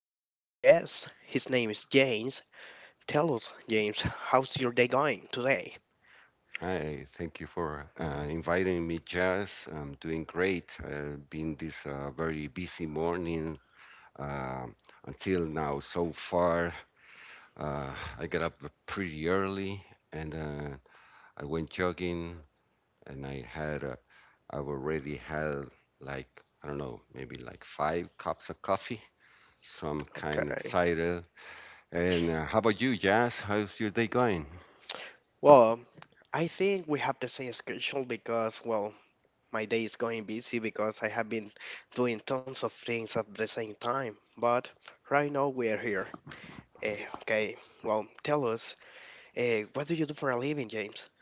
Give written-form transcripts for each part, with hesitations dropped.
a special guest. His name is James. Tell us, James, how's your day going today? Hi, thank you for inviting me, Jazz. I'm doing great. Been this very busy morning uh, until now. So far, uh, I got up pretty early and I went jogging, and I've already had like I don't know, maybe like five cups of coffee. So I'm kind of Okay. excited. And how about you, Jazz? How's your day going? Well, I think we have the same schedule because, well, my day is going busy because I have been doing tons of things at the same time. But right now we are here. Eh, okay. Well, tell us, what do you do for a living, James?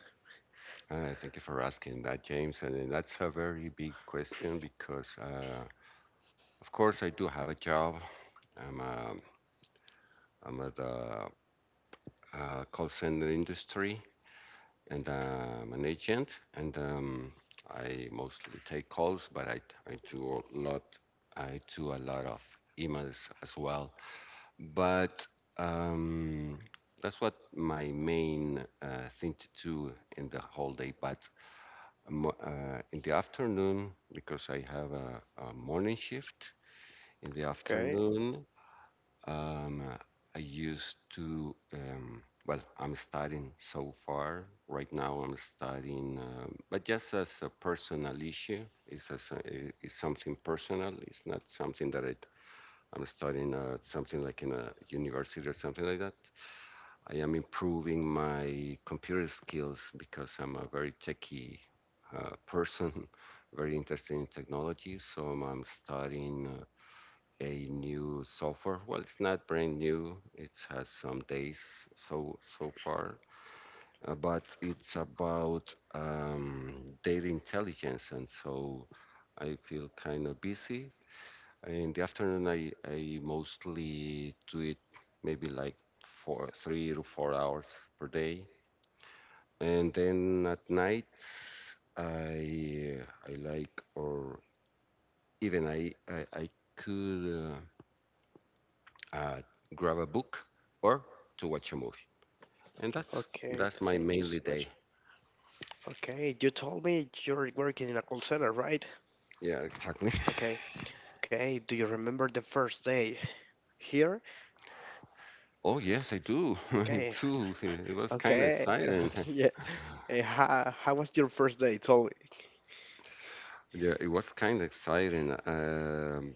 Thank you for asking that, James. And that's a very big question because, of course, I do have a job. I'm a, I'm at the call center industry and I'm an agent. And I mostly take calls, I do a lot. I do a lot of emails as well. But um, that's what my main thing to do in the whole day. But in the afternoon because I have a morning shift. In the Okay. afternoon, um, I used to, well, I'm studying so far. Right now, I'm studying, but just as a personal issue, it's something personal. It's not something that I'm studying something like in a university or something like that. I am improving my computer skills because I'm a very techie person, very interested in technology. So I'm, studying a new software. Well, it's not brand new. It has some days so far, but it's about data intelligence, and so I feel kind of busy. In the afternoon, I mostly do it maybe like 3 to 4 hours per day. And then at night, I I like or I could uh, uh, grab a book or to watch a movie. And that's Okay. my Thank mainly you so day. much. Okay. You told me you're working in a call center, right? Yeah, exactly. Okay. Okay, do you remember the first day here? Oh yes, I do. I Okay, do. It was kind of okay, exciting. yeah. How was your first day? Tell me. Yeah, it was kind of exciting.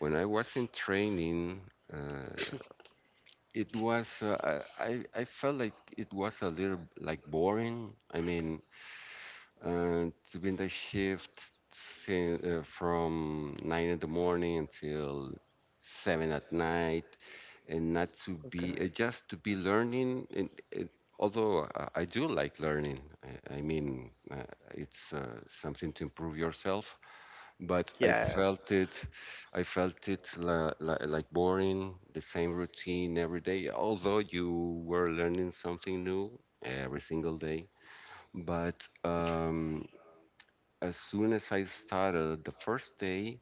When I was in training, uh, it was I felt like it was a little like boring. I mean, and doing the shift from 9 in the morning until 7 at night and not to be Okay. just to be learning although I do like learning I mean it's something to improve yourself but i felt Yes, it i felt it like boring the same routine every day although you were learning something new every single day but as soon as I started the first day,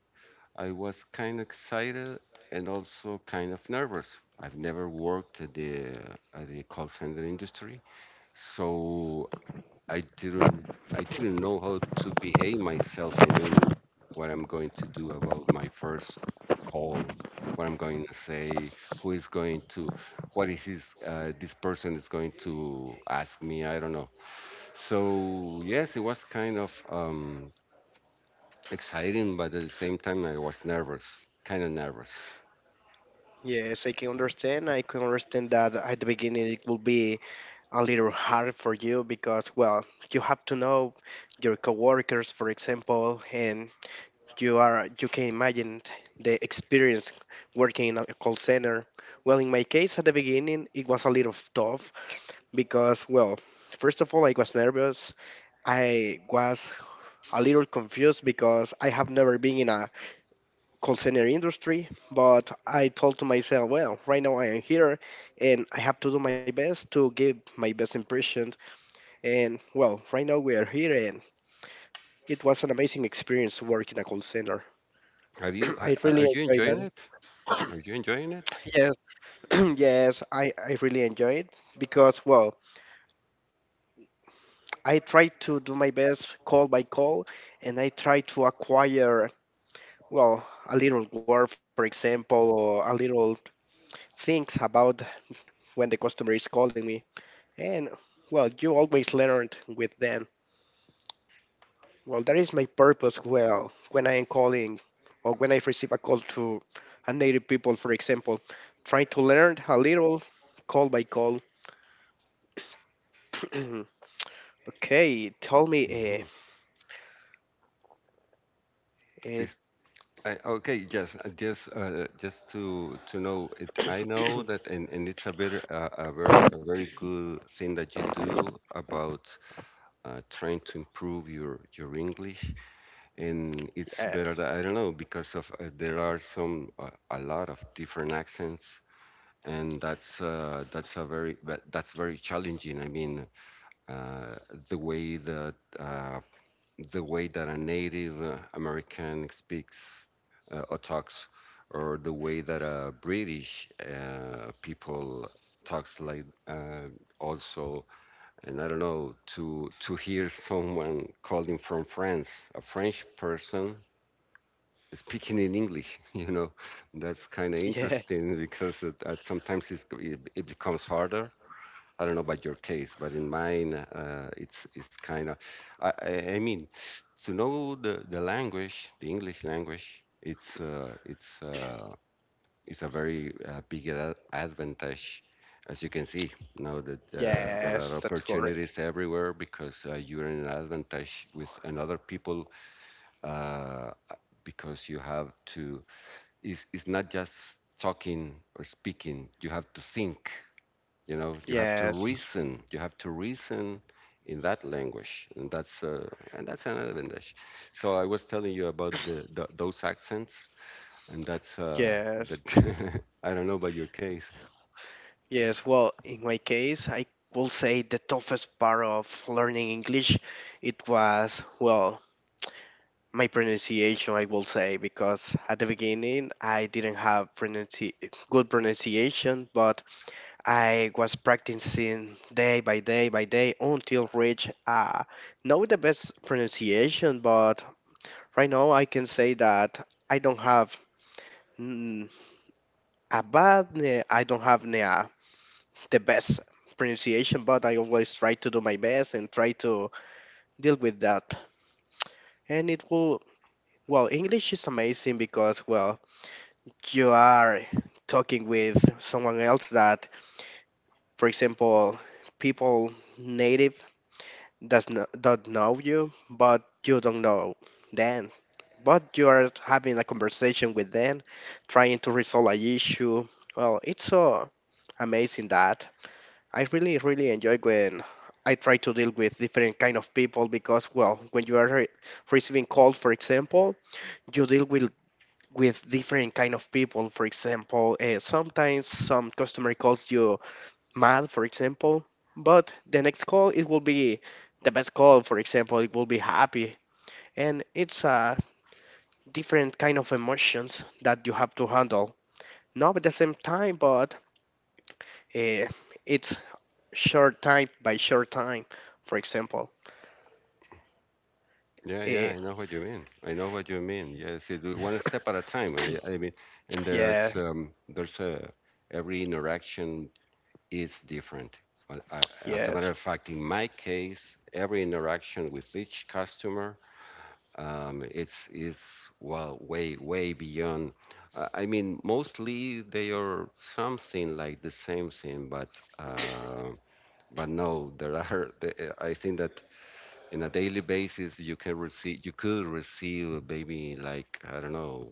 I was kind of excited and also kind of nervous. I've never worked at the call center industry, so I didn't I didn't know how to behave myself. I mean, what I'm going to do about my first call, what I'm going to say, who is going to, what is this person is going to ask me. I don't know. So yes, it was kind of. Exciting, but at the same time, I was nervous, kind of nervous. yes, I can understand. I can understand that at the beginning it will be a little hard for you because, well, you have to know your coworkers, for example, and you can imagine the experience working in a call center. Well, in my case, at the beginning it was a little tough because, well, first of all, I was nervous. I was a little confused because I have never been in a call center industry. But I told to myself, well, right now I am here, and I have to do my best to give my best impression. And, well, right now we are here, and it was an amazing experience working in a call center. Have you? I really Are you enjoyed enjoying that. it? Are you enjoying it? Yes, yes, I really enjoy it because, well, I try to do my best call by call, and I try to acquire, well, a little word, for example, or a little things about when the customer is calling me. And, well, you always learn with them. Well, that is my purpose, well, when I am calling or when I receive a call to a native people, for example, try to learn a little call by call. Okay, tell me, Mm-hmm. and Is, okay, yes, just to know it. I know that, and it's a very a very a very good thing that you do about trying to improve your English, and it's better. yes, That, I don't know because of there are some a lot of different accents and that's a that's very challenging. I mean, uh, the way that uh, the way that a Native American speaks or talks, or the way that a British people talks like also and I don't know to hear someone calling from france a french person speaking in English. You know, that's kind of yeah, interesting because sometimes it becomes harder. I don't know about your case, but in mine, it's kind of. I mean, to know the language, the English language, it's a very big advantage. As you can see now that there are yes, that's correct. opportunities everywhere because you're in an advantage with another people uh, because you have to it's not just talking or speaking. You have to think, you know, you have to Yes, reason. You have to reason in that language. And and that's another language. So I was telling you about the those accents. And that yes, I don't know about your case. yes. Well, in my case, I will say the toughest part of learning English, it was, well, my pronunciation, I will say, because at the beginning I didn't have pronunci good pronunciation, but I was practicing day by day by day until reach not the best pronunciation. But right now I can say that I don't have. Mm, Abad, I don't have the best pronunciation, but I always try to do my best and try to deal with that. And it will, well, English is amazing because, well, you are talking with someone else that, for example, people native does not don't know you, but you don't know them. But you are having a conversation with them, trying to resolve a issue. Well, it's so amazing that. I really, really enjoy when I try to deal with different kind of people because, well, when you are receiving calls, for example, you deal with different kind of people. For example, sometimes some customer calls you mad, for example, but the next call it will be the best call. For example, it will be happy, and it's a different kind of emotions that you have to handle. Not at the same time, but uh, it's short time by short time, for example. Yeah, yeah, Eh, I know what you mean. I know what you mean. Yes, you do one step at a time. I mean, and yeah, there's a every interaction is different. As a matter yes, of fact, in my case, every interaction with each customer it's is well way beyond. I mean, mostly they are something like the same thing, uh, but no, there are. I think that in a daily basis you could receive maybe like I don't know.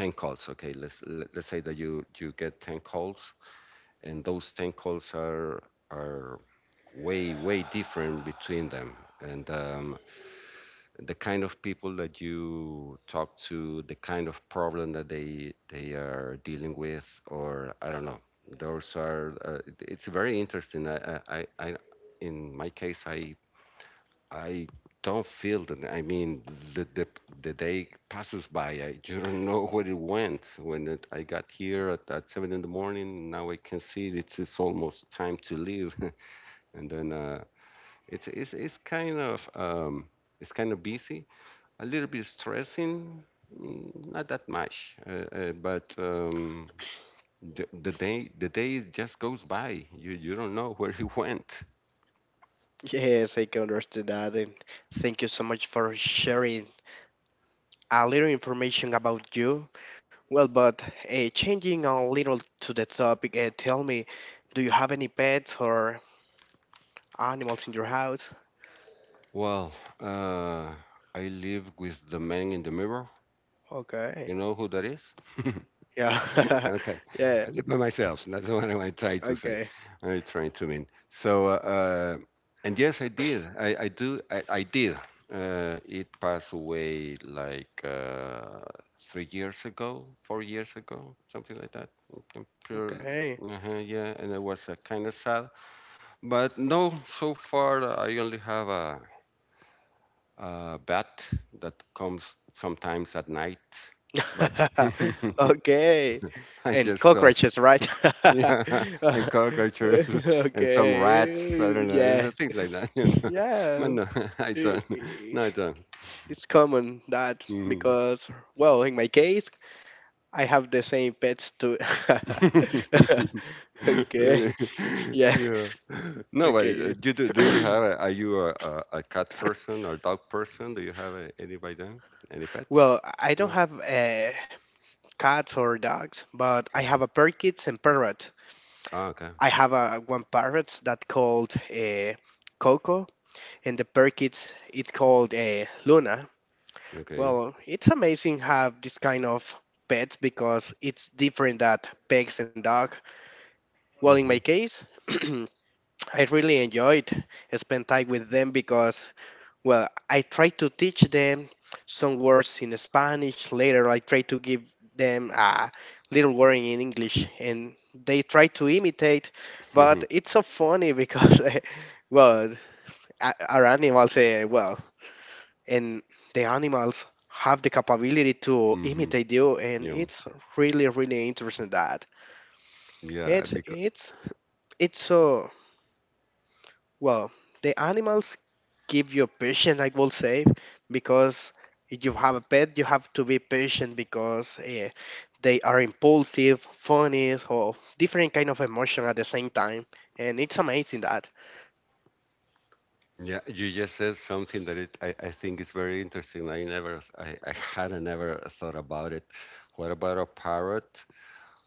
10 calls okay let's let's say that you get 10 calls and those 10 calls are are way different between them and the kind of people that you talk to the kind of problem that they are dealing with or I don't know those are it's very interesting I in my case I don't feel that I mean the the, the day passes by I don't know where it went when I got here at 7 in the morning now I can see it's almost time to leave and then it's it's it's kind of um, it's kind of busy, a little bit stressing, mm, not that much, but the day just goes by. You don't know where he went. yes, I can understand that. And thank you so much for sharing a little information about you. Well, but changing a little to the topic, tell me, do you have any pets or animals in your house? Well, uh, I live with the man in the mirror. Okay. You know who that is? Yeah. Okay, Yeah. I did by myself. So That's what I tried to say. Okay. I tried to mean. So, and yes, I did. I do. I did. It passed away like 3 years ago, 4 years ago, something like that. I'm pretty- Okay. Yeah, and it was kind of sad. But no, so far I only have a bat that comes sometimes at night. But Okay. I And just saw cockroaches, right? Yeah, and cockroaches and some Okay. rats. I don't Yeah. know, things like that. You know, but Yeah. no, I I- don't. i- No, I don't. It's common that Hmm because, well, in my case, I have the same pets too. Okay, Really? yeah, Yeah. No, but okay. Do you have? Are you a cat person or dog person? Do you have any by them? Any pets? Well, I don't No. have cats or dogs, but I hmm have a parakeets and parrot. Oh, okay. I have a one parrot that called Coco, and the parakeets it called Luna. Okay. Well, it's amazing have this kind of pets because it's different that pigs and dog. Well, in my Mm-hmm. case, I really enjoyed spend time with them because, well, I try to teach them some words in Spanish. Later, I try to give them a little word in English, and they try to imitate. Mm-hmm. But it's so funny because, well, our animals, well, and the animals have the capability to mm-hmm. imitate you, and Yeah. it's really, really interesting that. Yeah. It's it's it's so. Well, the animals give you patient, I will say, because if you have a pet, you have to be patient because they are impulsive, funny, or different kind of emotion at the same time, and it's amazing that. Yeah, you just said something that I think is very interesting. I hadn't never thought about it. What about a parrot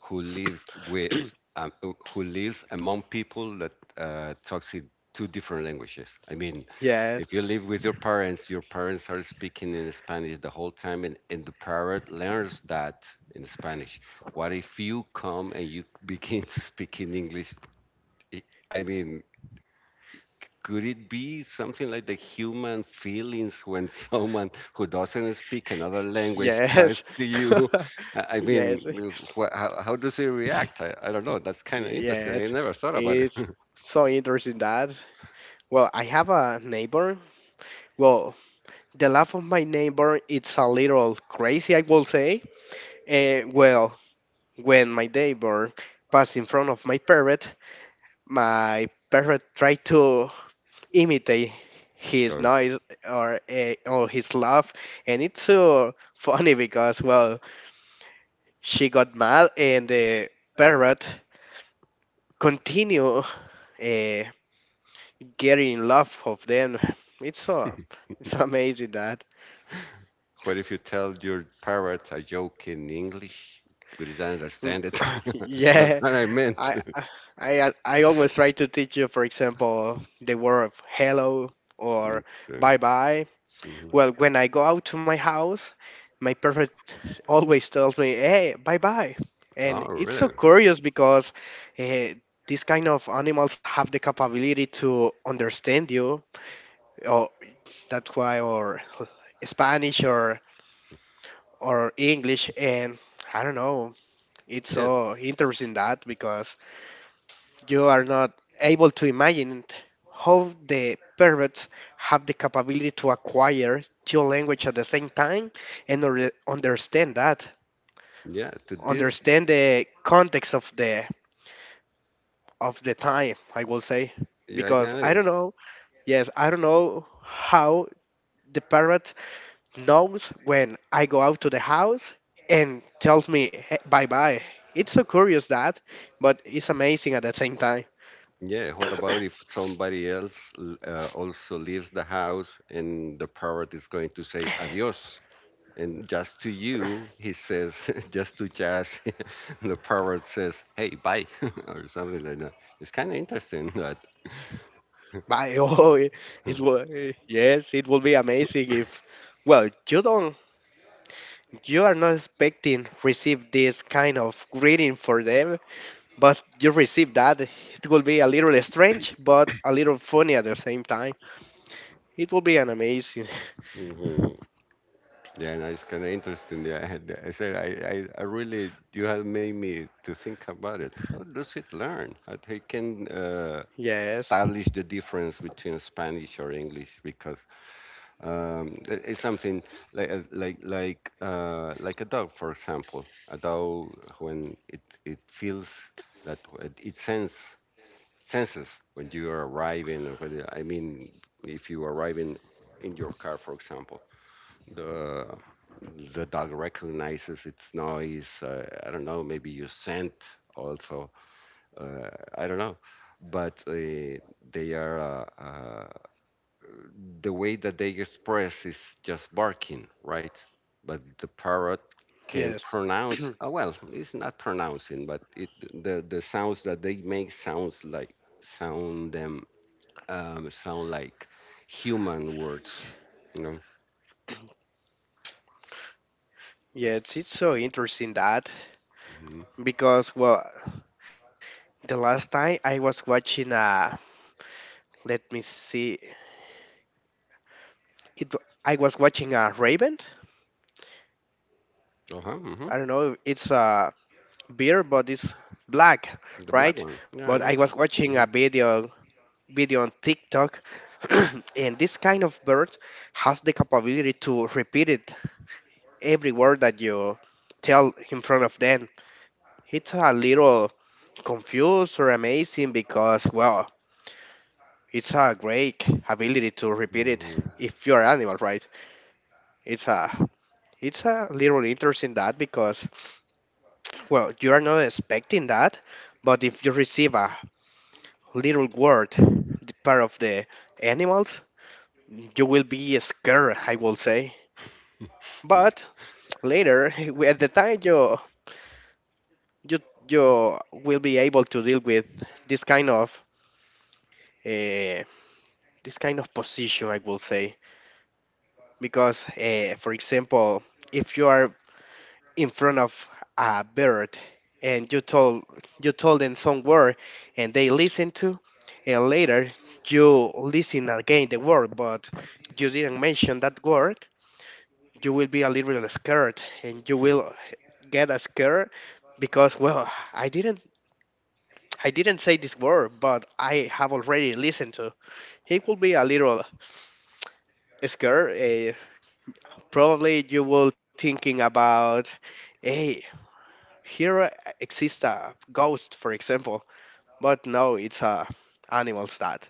who lives with, who lives among people that talks in two different languages? I mean, Yes, if you live with your parents are speaking in Spanish the whole time, and the parrot learns that in Spanish. What if you come and you begin to speak in English? I I mean, could it be something like the human feelings when someone who doesn't speak another language comes yes, to you? I mean, yes, how does he react? I don't know. That's kind of interesting. I yes. never thought about it. It's so interesting that. Well, I have a neighbor. Well, the laugh of my neighbor, it's a little crazy, I will say. Well, when my neighbor passed in front of my parrot tried to imitate his So, noise or his laugh, and it's so funny because, well, she got mad, and the parrot continue uh, getting in love of them. It's so. It's so amazing that. what if you tell your parrot a joke in English? Could it understand it? That's yeah, what I meant. I I I always try to teach you, for example, the word of hello or Okay. bye bye. Mhm. Well, when I go out to my house, my perfect always tells me, "Hey, bye bye," and Oh, it's so really? curious because uh, these kind of animals have the capability to understand you. Or that's why, or Spanish or English, and I don't know. It's Yeah, so interesting that because you are not able to imagine how the perverts have the capability to acquire two languages at the same time and understand that, yeah. To this, understand the context of the time, I will say, yeah, I because get I it. don't know. Yes, I don't know how the parrot knows when I go out to the house and tells me bye bye. It's so curious that, but it's amazing at the same time. Yeah, what about if somebody else also leaves the house and the parrot is going to say adios? And just to you, he says, just to Jazz, the parrot says, hey, bye, or something like that. It's kind of interesting that. Bye. Oh, it will. Yes, it will be amazing if. Well, you don't. You are not expecting receive this kind of greeting for them, but you receive that. It will be a little strange, but a little funny at the same time. It will be an amazing. hmm Yeah, no, it's kind of interesting. Yeah, I said, I really, you have made me to think about it. How does it learn? How they can Yes. establish the difference between Spanish or English? Because it's something like like a dog, for example. A dog when it feels that it sense senses when you are arriving. Or when, I mean, if you are arriving in your car, for example, the the dog recognizes its noise. I don't know, maybe your scent also. Uh, I don't know, but they are. The way that they express is just barking, right? But the parrot can Yes. pronounce. Oh well, it's not pronouncing, but it the sounds that they make sounds like sound like human words, you know. Yes, it's so interesting that Hmm. because, well, the last time I was watching a. Let me see, it I was watching a Raven. Uh huh. Hmm. I don't know, it's a beer, but it's black, The black right? one. Yeah, But I I know. was watching a Hmm. Video on TikTok, and this kind of bird has the capability to repeat it every word that you tell in front of them. It's a little confused or amazing because, well, it's a great ability to repeat it Hmm. if you're an animal, right? It's a. It's a little interesting that because, well, you are not expecting that, but if you receive a little word, the part of the animals, you will be scared, I will say. But later, at the time you you will be able to deal with this kind of uh, this kind of position, I will say, because for example, if you are in front of a bird and you told them some word and they listen to, and later you listen again the word but you didn't mention that word, you will be a little scared and you will get a scared because, well, i didn't I didn't say this word but I have already listened to. It will be a little scared. Probably you will thinking about, hey, here exists a ghost, for example. But no, it's animals that.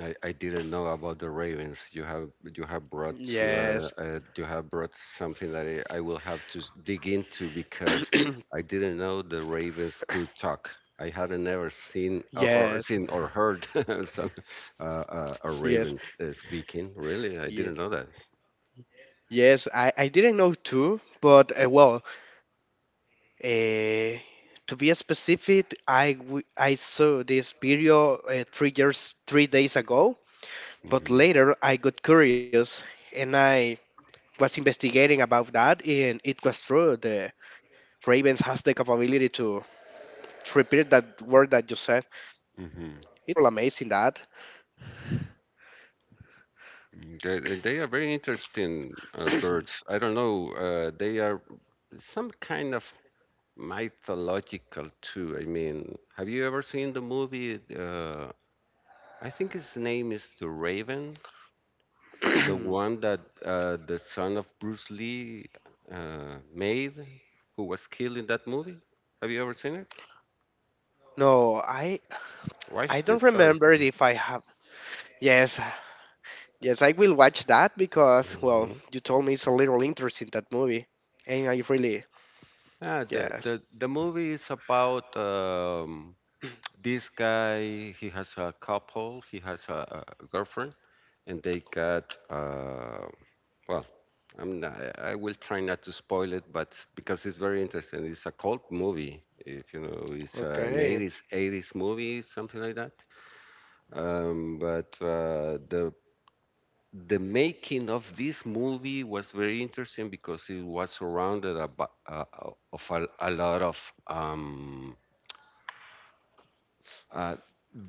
I didn't know about the Ravens. You have brought Yes. You have brought something that I will have to dig into because I didn't know the Ravens could talk. I hadn't ever seen or yes. seen or heard some uh, a Yes. Raven speaking. Really, I Yeah. didn't know that. Yes, I didn't know too, but well, uh, to be specific, I saw this video 3 days ago, but Hmm. later I got curious and I was investigating about that, and it was true. The Ravens has the capability to repeat that word that you said. Hmm. It's a little amazing that. They are very interesting birds. I don't know. They are some kind of mythological too. I mean, have you ever seen the movie? I think his name is The Raven, the one that the son of Bruce Lee made, who was killed in that movie. Have you ever seen it? No, I Watched don't it. Sorry. remember if I have. Yes, yes, I will watch that because, well, Mhm. you told me it's a little interest in that movie, and I really. Yeah, the, Yes. the the movie is about this guy. He has a couple. He has a girlfriend, and they got Well, I will try not to spoil it, but because it's very interesting, it's a cult movie. If you know, it's an Okay, 80s movie, something like that. But The making of this movie was very interesting because it was surrounded about, of a lot of uh,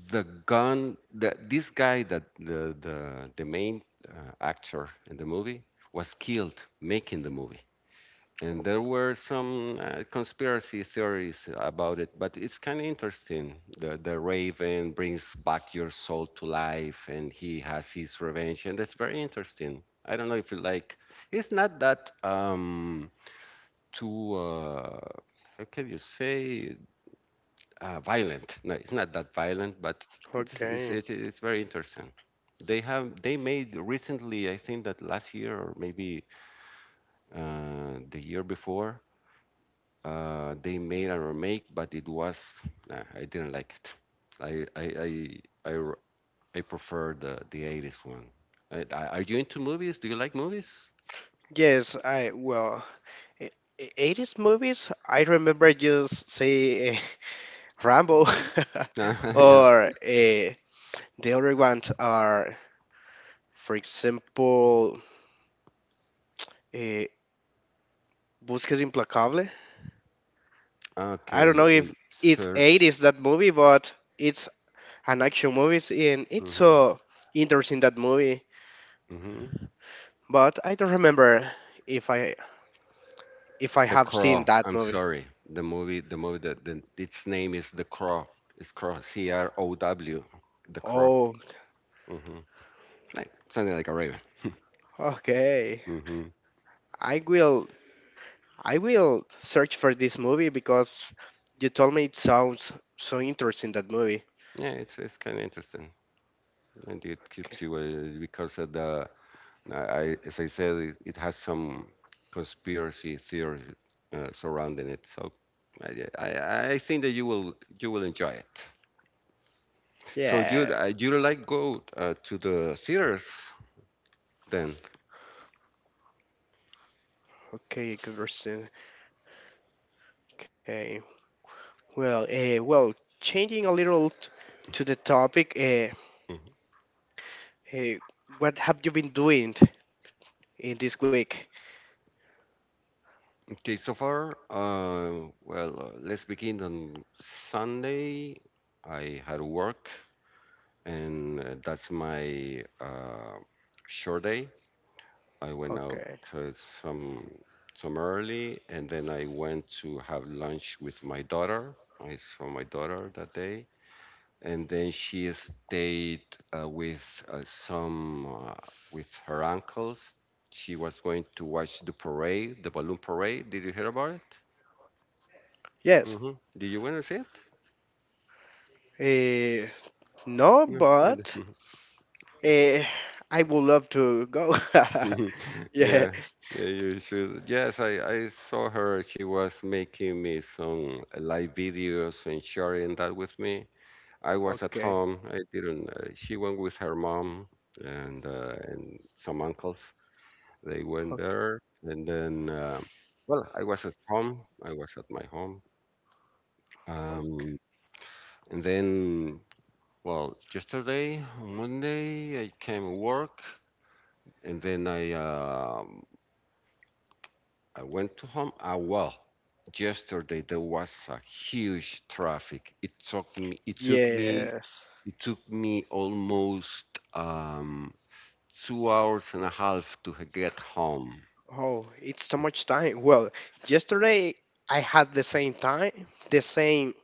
the gun that this guy, that the main actor in the movie was killed making the movie. And o- there were some conspiracy theories about it, but it's kind of interesting. The raven brings back your soul to life and he has his revenge, and that's very interesting. I don't know if you like, it's not that too how can you say violent. No, it's not that violent, but okay. It's very interesting. They made recently, I think that last year or maybe the year before, they made a remake, but it was, nah, I didn't like it. I I I I, r- I prefer the 80s one. Are you into movies? Do you like movies? Yes, I, well, e- 80s movies. I remember just say Rambo, Yeah. or the other ones are, for example, uh, Búsqueda Implacable. I don't Okay. know if it's Search. 80s that movie, but it's an action movies and it's Hmm. so interesting that movie. Hmm. But I don't remember if i if I The have seen Crow. that I'm movie. sorry. The movie. The movie. That the, its name is The Crow. It's Crow. C R O W. The Crow. Oh, Hmm. Like, something like a raven. okay. Hmm. i will I will search for this movie because you told me it sounds so interesting that movie. Yeah, it's kind of interesting, and it K- keeps you because of the, I, as I said, it has some conspiracy theories surrounding it. So I think that you will enjoy it. So you yeah, you like go to the theaters then? okay, interesting. Okay. Well, well, changing a little to the topic, Mhm. uh, what have you been doing in this week? Okay, so far, let's begin on Sunday. I had work, and that's my short day. I went out Okay. uh, some some early, and then I went to have lunch with my daughter. I saw my daughter that day, and then she stayed uh, with uh, some uh, with her uncles. She was going to watch the parade, the balloon parade. Did you hear about it? Yes. Hmm. Did you want to see it? Uh, no, Yeah. but uh, I would love to go. yeah. Yeah, yeah, you should. Yes, I saw her. She was making me some live videos and sharing that with me. I was at Okay. home. I didn't. She went with her mom and some uncles. They went Okay. there, and then well, I was at home. I was at my home. Okay. Um, and then, well, yesterday, on Monday, I came to work, and then I went to home. Ah, well, yesterday there was a huge traffic. It took me, it took me, Yes. it took me almost um, 2 hours and a half to get home. Oh, it's too much time. Well, yesterday I had the same time, the same,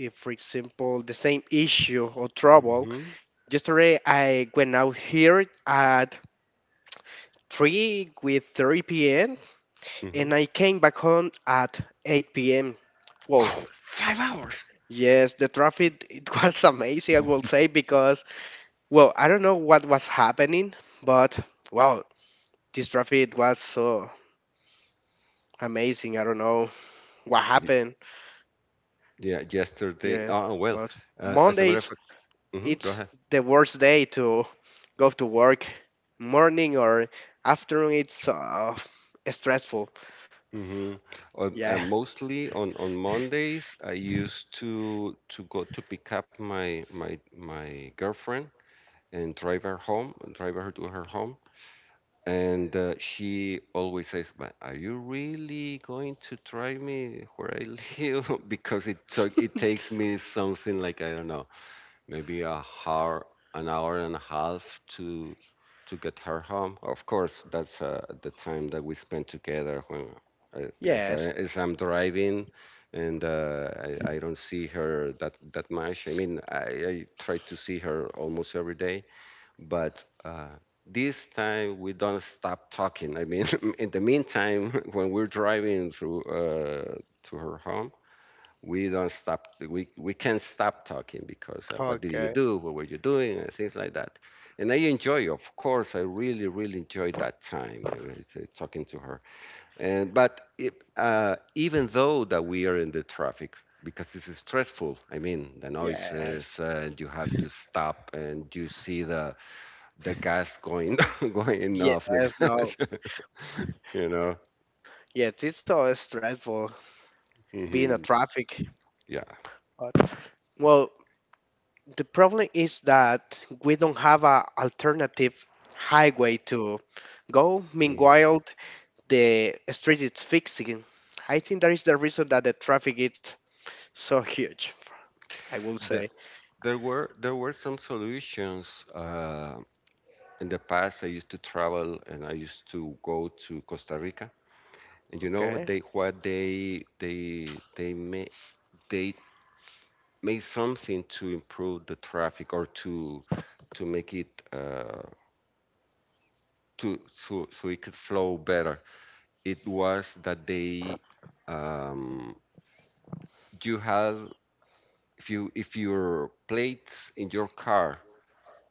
for example, the same issue or trouble. Hmm. Yesterday I went out here at 3 p.m. and Hmm. I came back home at 8 p.m. Well, Wow, 5 hours. yes, the traffic it was amazing, I will say, because, well, I don't know what was happening, but wow, this traffic was so amazing. I don't know what Y- happened. Yeah, yesterday. Yes, Oh, well, but as a matter of Mondays fact, hmm, go it's ahead. the worst day to go to work. Morning or afternoon, it's stressful. Hmm. On, Yeah. On Mondays, I used to go to pick up my girlfriend and drive her home, and drive her to her home. And she always says, "But are you really going to drive me where I live?" because it took, it takes me something like I don't know, maybe a hour, an hour and a half to get her home. Of course, that's the time that we spent together when I, Yes. as I'm driving, and I don't see her that much. I mean, I try to see her almost every day but this time we don't stop talking. I mean, in the meantime, when we're driving through to her home, we don't stop. We can't stop talking because what did you Okay. do? What were you doing? And things like that. And I enjoy, of course, I really really enjoyed that time talking to her. And but it, even though that we are in the traffic. Because this is stressful. I mean, the noises, Yes. And you have to stop, and you see the gas going going off the Yes. No. gas. you know Yes, it's so stressful being a hmm. traffic. Yeah. But, well, the problem is that we don't have a alternative highway to go. Mhm. Meanwhile, the street is fixing. I think that is the reason that the traffic is so huge, I will say. the, there were some solutions in the past. I used to travel and I used to go to Costa Rica, and you know what Okay. they made. They made something to improve the traffic or to make it to, so so it could flow better. It was that they, um, you had, if your plates in your car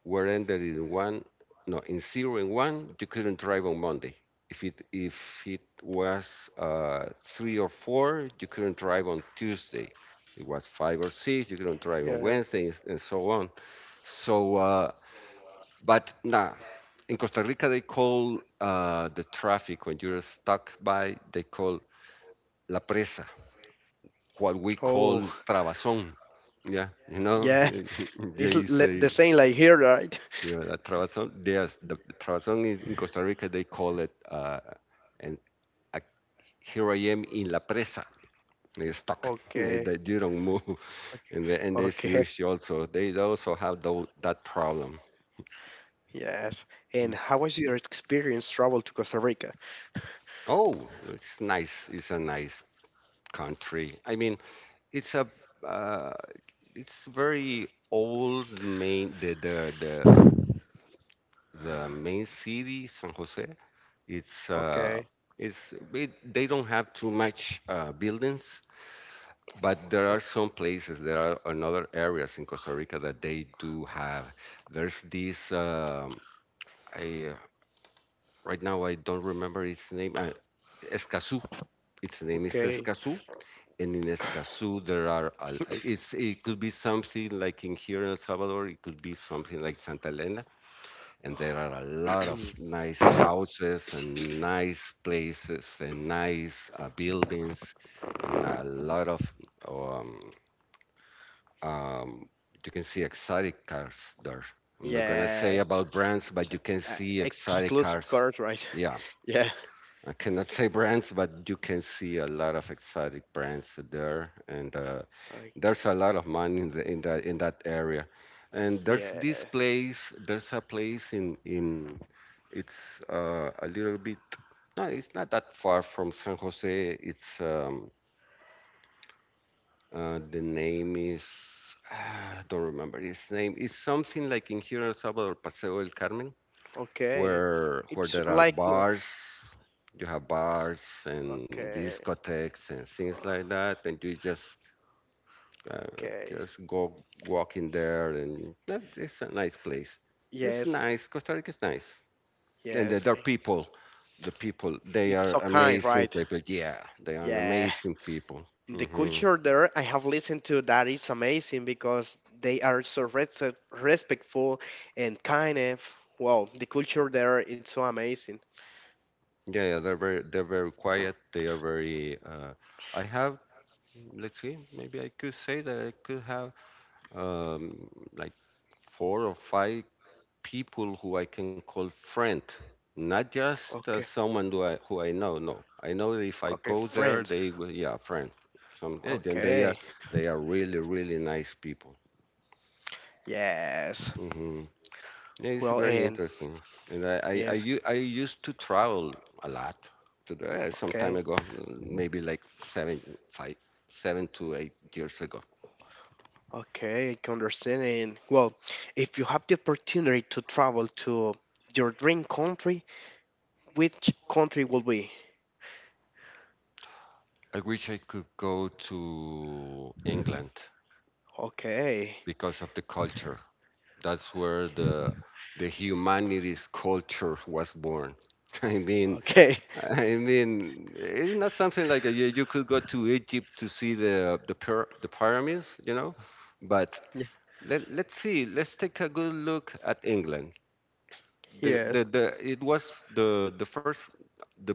were ended in one, no, in zero and one, you couldn't drive on Monday. If it was three or four, you couldn't drive on Tuesday. It was five or six, you Yeah. couldn't drive on Wednesday, and so on. So but nah, in Costa Rica they call the traffic when you're stuck by, they call la presa, what we Oh, call trabazon. Yeah, you yeah. know, It's there the is same a, like here, right? you know, a trabazon. Yes, the trabazon is in Costa Rica. They call it and uh, here I am in la presa, stuck. Okay. That you don't move, and this Okay. huge also. They also have that problem. Yes. And how was your experience travel to Costa Rica? Oh, it's nice. It's a nice country. I mean, it's a uh, it's very old, main, the main city, San Jose. It's uh, Okay. it's it, they don't have too much buildings, but there are some places, there are another areas in Costa Rica that they do have. There's this I right now I don't remember its name. Escazú. Its name is Okay. Escazú. And in Escazú, there are, it's, it could be something like in here in El Salvador, it could be something like Santa Elena, and there are a lot of nice houses and nice places and nice buildings, and a lot of um, um, you can see exotic cars there. I'm not gonna say Yeah. about brands, but you can see exotic Exclusive cars. cars, right? Yeah, Yeah. I cannot say brands, but you can see a lot of exotic brands there, and Like, there's a lot of money in the in that area. And there's yeah. this place, there's a place in it's a little bit, no, it's not that far from San Jose. It's the name is, I don't remember its name. It's something like in here in El Salvador, Paseo del Carmen, Okay. Where It's there are like bars. You have bars and okay. discotheques and things uh, like that, and you Okay. just go walk in there, and that, it's a nice place. It's Yes. nice. Costa Rica is nice. Yes. Their people, the people, they It's are so kind, amazing right? people. Yeah, they are Yeah. amazing people. The Hmm. culture there, I have listened to that is amazing because they are so respectful and kind of, wow, the culture there it's so amazing. Yeah, they're very quiet. They are very. I have, let's see, maybe I could say that I could have um, like four or five people who I can call friend, not Okay. just someone who I know. No, I know that if I Okay, go friends. there, they will, yeah, friend. Then Okay. they are, they are really really nice people. Yes. Mm-hmm. Yeah, Well, it's very and interesting. And yes. I used to travel a lot to some Okay. time ago, maybe like five, 7 to 8 years ago. Okay, I can understand. And well, if you have the opportunity to travel to your dream country, which country will be? I wish I could go to England Okay, because of the culture. That's where the humanities culture was born. I mean, okay, I mean, it's not something like a, you could go to Egypt to see the the pyramids, you know, but Y- let, let's see. Let's take a good look at England. Yes, It was the first, the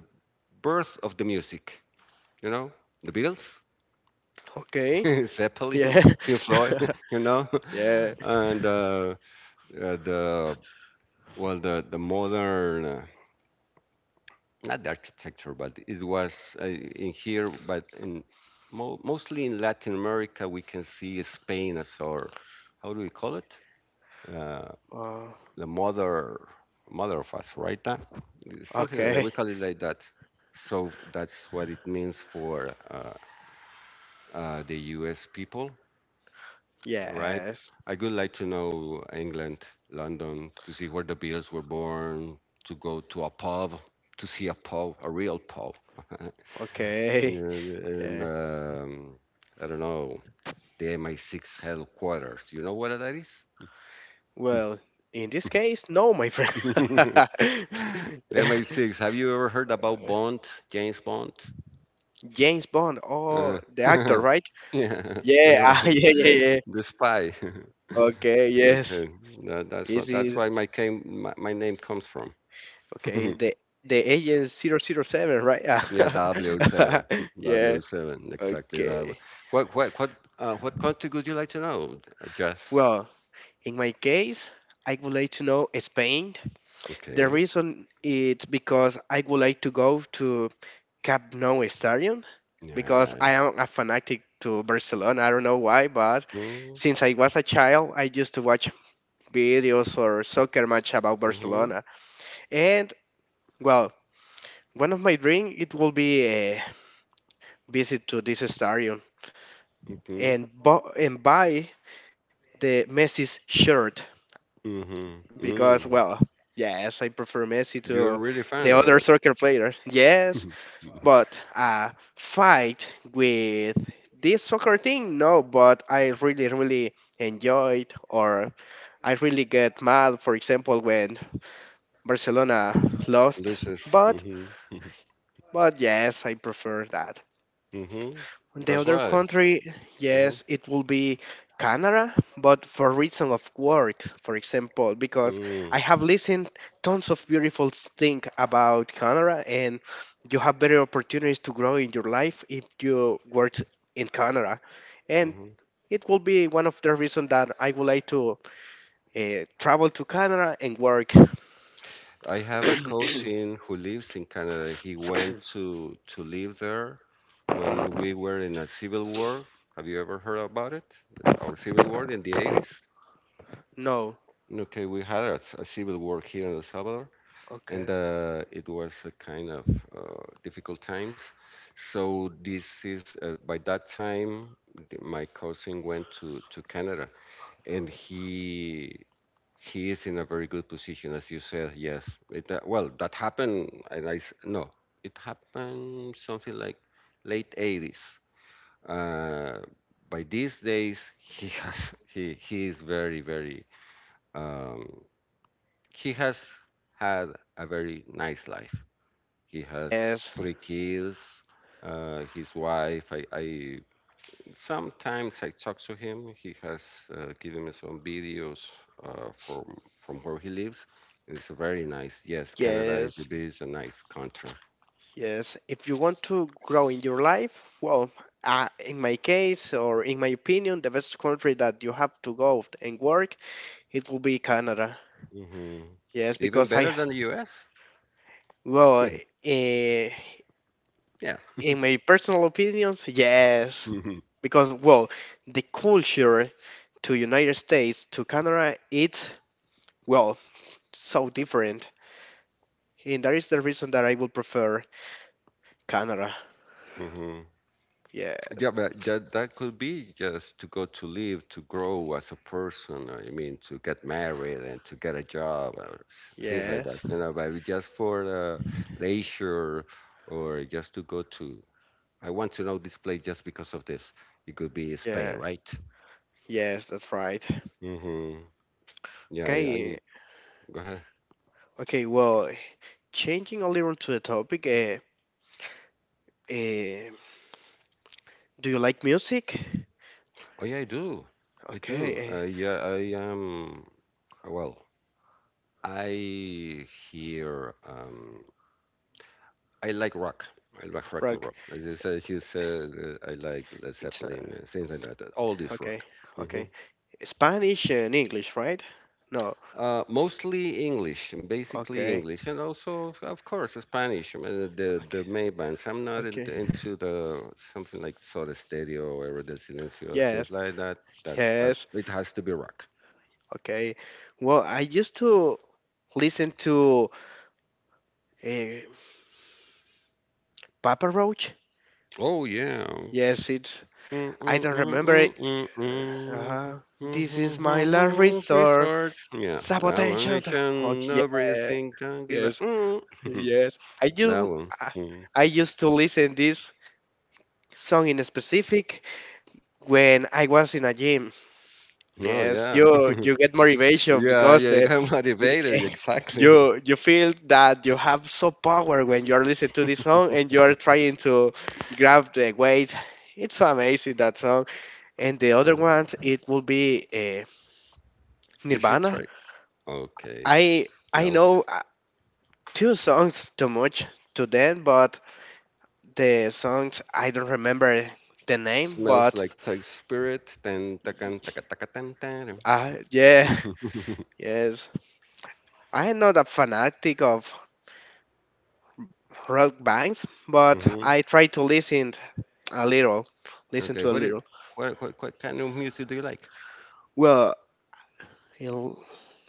birth of the music, you know, the Beatles, okay, Zeppelin, yeah, Pink Floyd, you know, yeah, and uh, the, the modern, not the architecture, but it was in here, but in mo mostly in Latin America, we can see Spain as our, how do we call it? Uh, uh, the mother of us, right? Now, something like that. okay, We call it like that. So that's what it means for the U.S. people, right? yes, I would like to know England, London, to see where the Beatles were born, to go to a pub, to see a pub, a real pub. okay, and and, yeah. um, I don't know, the MI6 headquarters. You know what that is? Well, in this case, no, my friend. The Yeah. MI6. Have you ever heard about Bond, James Bond? James Bond, Uh, oh, the actor, right? yeah, Yeah, yeah, ah, yeah, yeah, yeah. the spy. Okay, yes. Okay, that's what that's Easy. why my name comes from. Okay, the agent 007, right? Yeah, W7, Yeah, W7, exactly that one. okay. What what what what country would you like to know, Jess? Well, in my case, I would like to know Spain. The Okay, reason it's because I would like to go to Camp Nou Stadium because yeah. I am a fanatic to Barcelona. I don't know why, but Mm. since I was a child, I used to watch videos or soccer match about Mm-hmm. Barcelona. And well, one of my dream it will be a visit to this stadium Mm-hmm. and and buy the Messi's shirt Mm-hmm. because, Mm. well, yes, I prefer Messi You're to really the fan of other soccer player. it. Yes, but fight with this soccer thing, no. But I really, really enjoyed, or I really get mad, for example, when Barcelona lost. This is. But Mm-hmm. Mm-hmm. but yes, I prefer that. Mm-hmm. The That's other why. country, Mm-hmm. yes, it will be Canada, but for reason of work, for example, because I Mm. have listened tons of beautiful things about Canada, and you have better opportunities to grow in your life if you work in Canada, and Mhm. it will be one of the reasons that I would like to travel to Canada and work. I have a cousin who lives in Canada. He went to live there when we were in a civil war. Have you ever heard about it? Our civil war in the 80s? No, Okay, we had a civil war here in El Salvador, and okay, it was a kind of difficult times. So this is by that time, my cousin went to Canada, and he is in a very good position, as you said. Yes. That happened, and I s- no, it happened something like late 80s. Uh, by these days, he has he is very very um, he has had a very nice life. He has yes, 3 kids. His wife, I Sometimes I talk to him. He has given me some videos from where he lives. It's very nice. Yes, Canada is yes. it is a nice country. Yes, if you want to grow in your life, well, in my case or in my opinion, the best country that you have to go and work, it will be Canada. Hmm. Yes, Even because I, better than the U.S. well, eh, Yeah. in my personal opinions, yes, Hmm. because, well, the culture to United States to Canada, it's, well, so different, and that is the reason that I would prefer Canada. Hmm. Yes, Yeah, but that could be just to go to live, to grow as a person. I mean, to get married and to get a job or things like that. yes, You know, but just for leisure, or just to go to. I want to know this place just because of this. It could be Spain, yes, right? yes, that's right. Mm-hmm. Yeah, Okay. I go ahead. Okay, well, changing a little to the topic, uh, do you like music? Oh yeah, I do. I Okay, do. Well, I hear. I like rock. I like rock and rock. roll. As you said, she said, I like Led It's Zeppelin, things like that. All this rock. okay, Mm-hmm. okay. Spanish and English, right? No. Mostly English, and basically Okay, English, and also, of course, Spanish. I mean, okay, the main bands. I'm not okay. into the something like Soda Stereo or Héroes del Silencio, things Yes, like that. That's but yes. it has to be rock. Okay. Well, I used to listen to uh, Papa Roach. Oh yeah. Yes, it's. Mm, I mm, don't mm, remember it. mm, mm, mm. Uh-huh. Mm, This mm, is my mm, last mm, resort. Resort. Yeah, that Sabotage. one. Okay, Nation, yeah. everything. Don't give a. Yes, Mm. yes, That one. I Mm. I used to listen this song in specific when I was in a gym. Oh Yes, yeah. you you get motivation Yeah, because yeah. You the got motivated. Exactly. you feel that you have so power when you are listening to this song and you are trying to grab the weight. It's so amazing that song. And the other Uh, ones, it will be you should Nirvana. try. Okay. I know Smells two songs too much to them, but the songs. I don't remember the name, smells but like Thai spirit. Then takan taka taka tan tan. Yeah, Mhm. yes. I am not a fanatic of rock bands, but I try to listen a little, listen Okay. to a little. What kind of music do you like? Well, l-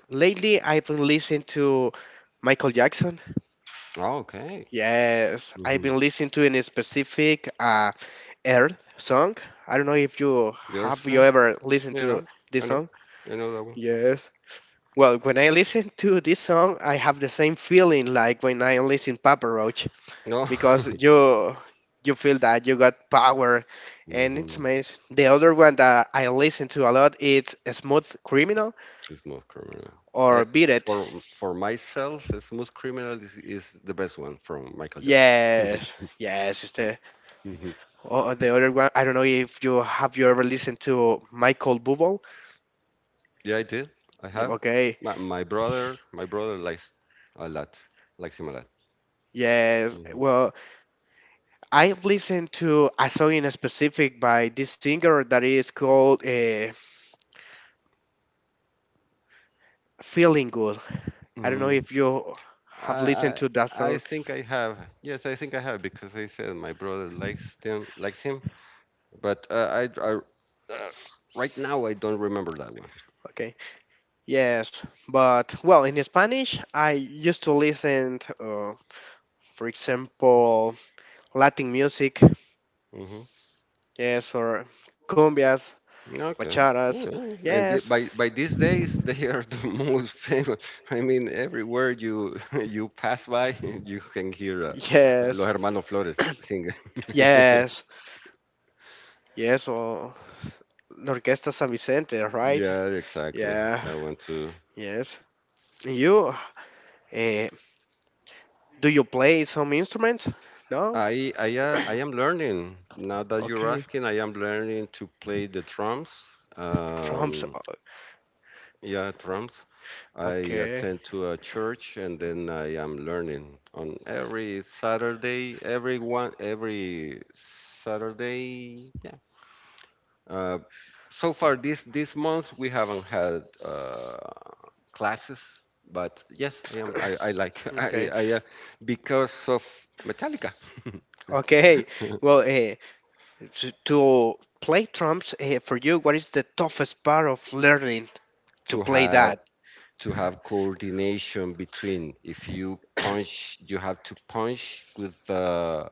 lately I've been listening to Michael Jackson. Oh, okay. Yes, I've Mhm. been listening to in a specific Earth song. I don't know if There's you ever listened you to know this I know song. That one. Yes. Well, when I listen to this song, I have the same feeling like when I listen Papa Roach, No. because you feel that you got power, and Hmm. it's amazing. The other one that I listen to a lot is Smooth Criminal Smooth Criminal. or I, Beat It. For myself, Smooth Criminal is the best one from Michael Jackson. Yes, yes, it's the or the other one. I don't know if you ever listened to Michael Bublé. Yeah, I did. I Yeah, have. okay, My brother likes a lot, likes him a lot. yes. Hmm. Well, I have listened to a song in specific by this singer that is called Feeling Good. I don't know Mm. if you I, have listened I, to that I song. think I have. Yes, I think I have because I said my brother likes him, likes him. But I right now I don't remember that one. Okay. Yes, but, well, in Spanish, I used to listen, for example, Latin music. Hmm. Yes, or cumbias, Okay. Yeah. bacharas. Yeah. And the, Yes, by these days they are the most famous. I mean, everywhere you you pass by, you can hear yes, Los Hermanos Flores singing. yes, yes. Or the Orquesta San Vicente, right? Yeah, exactly. Yeah. I want to. Yes. And uh, do you play some instruments? No. I am learning. Now that you're Okay. asking, I am learning to play the drums. Drums. Um, yeah, drums. I Okay. attend to a church, and then I am learning on every Saturday, every one, every Saturday. Yeah. Uh, so far this this month we haven't had classes, but yes, I am. I like Okay. I because of Metallica. Okay. Well, to play drums for you, what is the toughest part of learning to To play have that? to have coordination between, if you punch, you have to punch with the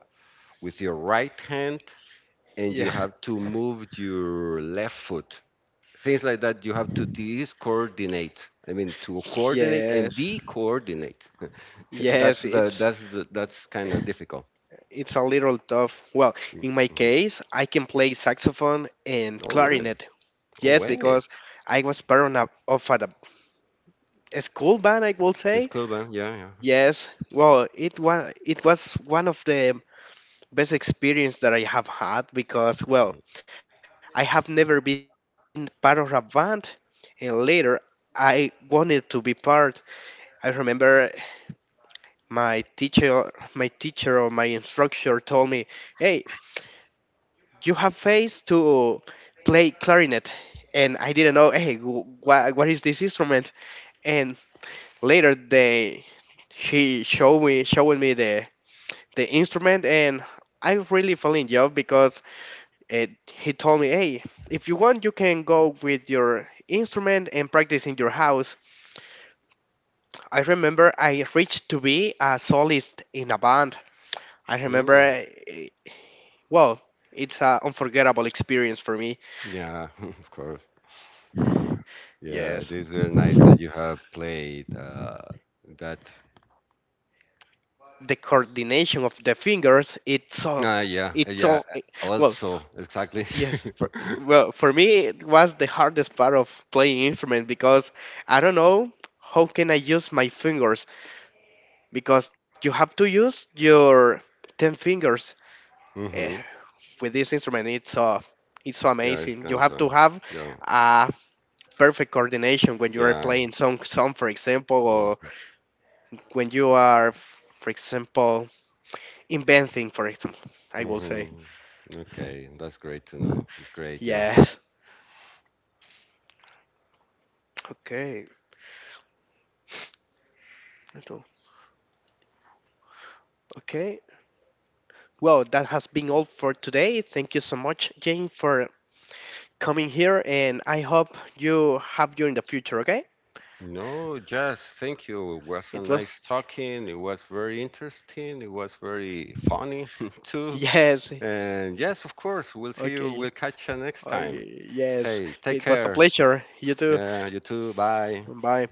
with your right hand, and you Yeah. have to move your left foot, things like that. You have to discoordinate, to coordinate and Yes, de-coordinate. That's yes, the it's that's the that's kind of difficult. it's a little tough. Well, Mm, in my mhm. case I can play saxophone and Oh really? clarinet. Oh Yes, way, because I was part of, a school band, I would it's say. cool then. Yeah, Yes, well, it was one of the best experience that I have had because, well, yeah. I have never been part of a band, and later I wanted to be part. I remember my teacher or my instructor told me, "Hey, you have face to play clarinet," and I didn't know, "Hey, what is this instrument?" And later they he showed me the instrument, and I really fell in love because. And he told me, hey, if you want, you can go with your instrument and practice in your house. I remember I reached to be a solist in a band. I remember, Mm, well, it's an unforgettable experience for me. yeah. Of course, yeah, it Yes. is very nice that you have played that The coordination of the fingers, it's so, ah yeah it's yeah, so, eh, well, also exactly. yes. For, well, for me, it was the hardest part of playing instrument because I don't know how can I use my fingers because you have to use your 10 fingers eh, Hmm. with this instrument it's so Yeah, it's amazing. kind You of have fun. to have Yeah, a perfect coordination when you are yeah. playing some song, for example, or Mm. when you are, for example, inventing, for example, I will say. Mm-hmm. Okay, that's great to know. It's great, yeah. Yes. Okay. so- okay, well, that has been all for today. Thank you so much, Jane, for coming here, and I hope you have you in the future. Okay, No, just thank you. It was a it was nice talking. It was very interesting. It was very funny too. yes, And yes, of course, we'll see you. okay. We'll catch you next time. Okay, yes, Okay, take it was a care. pleasure. You too. Yeah, you too. Bye. Bye.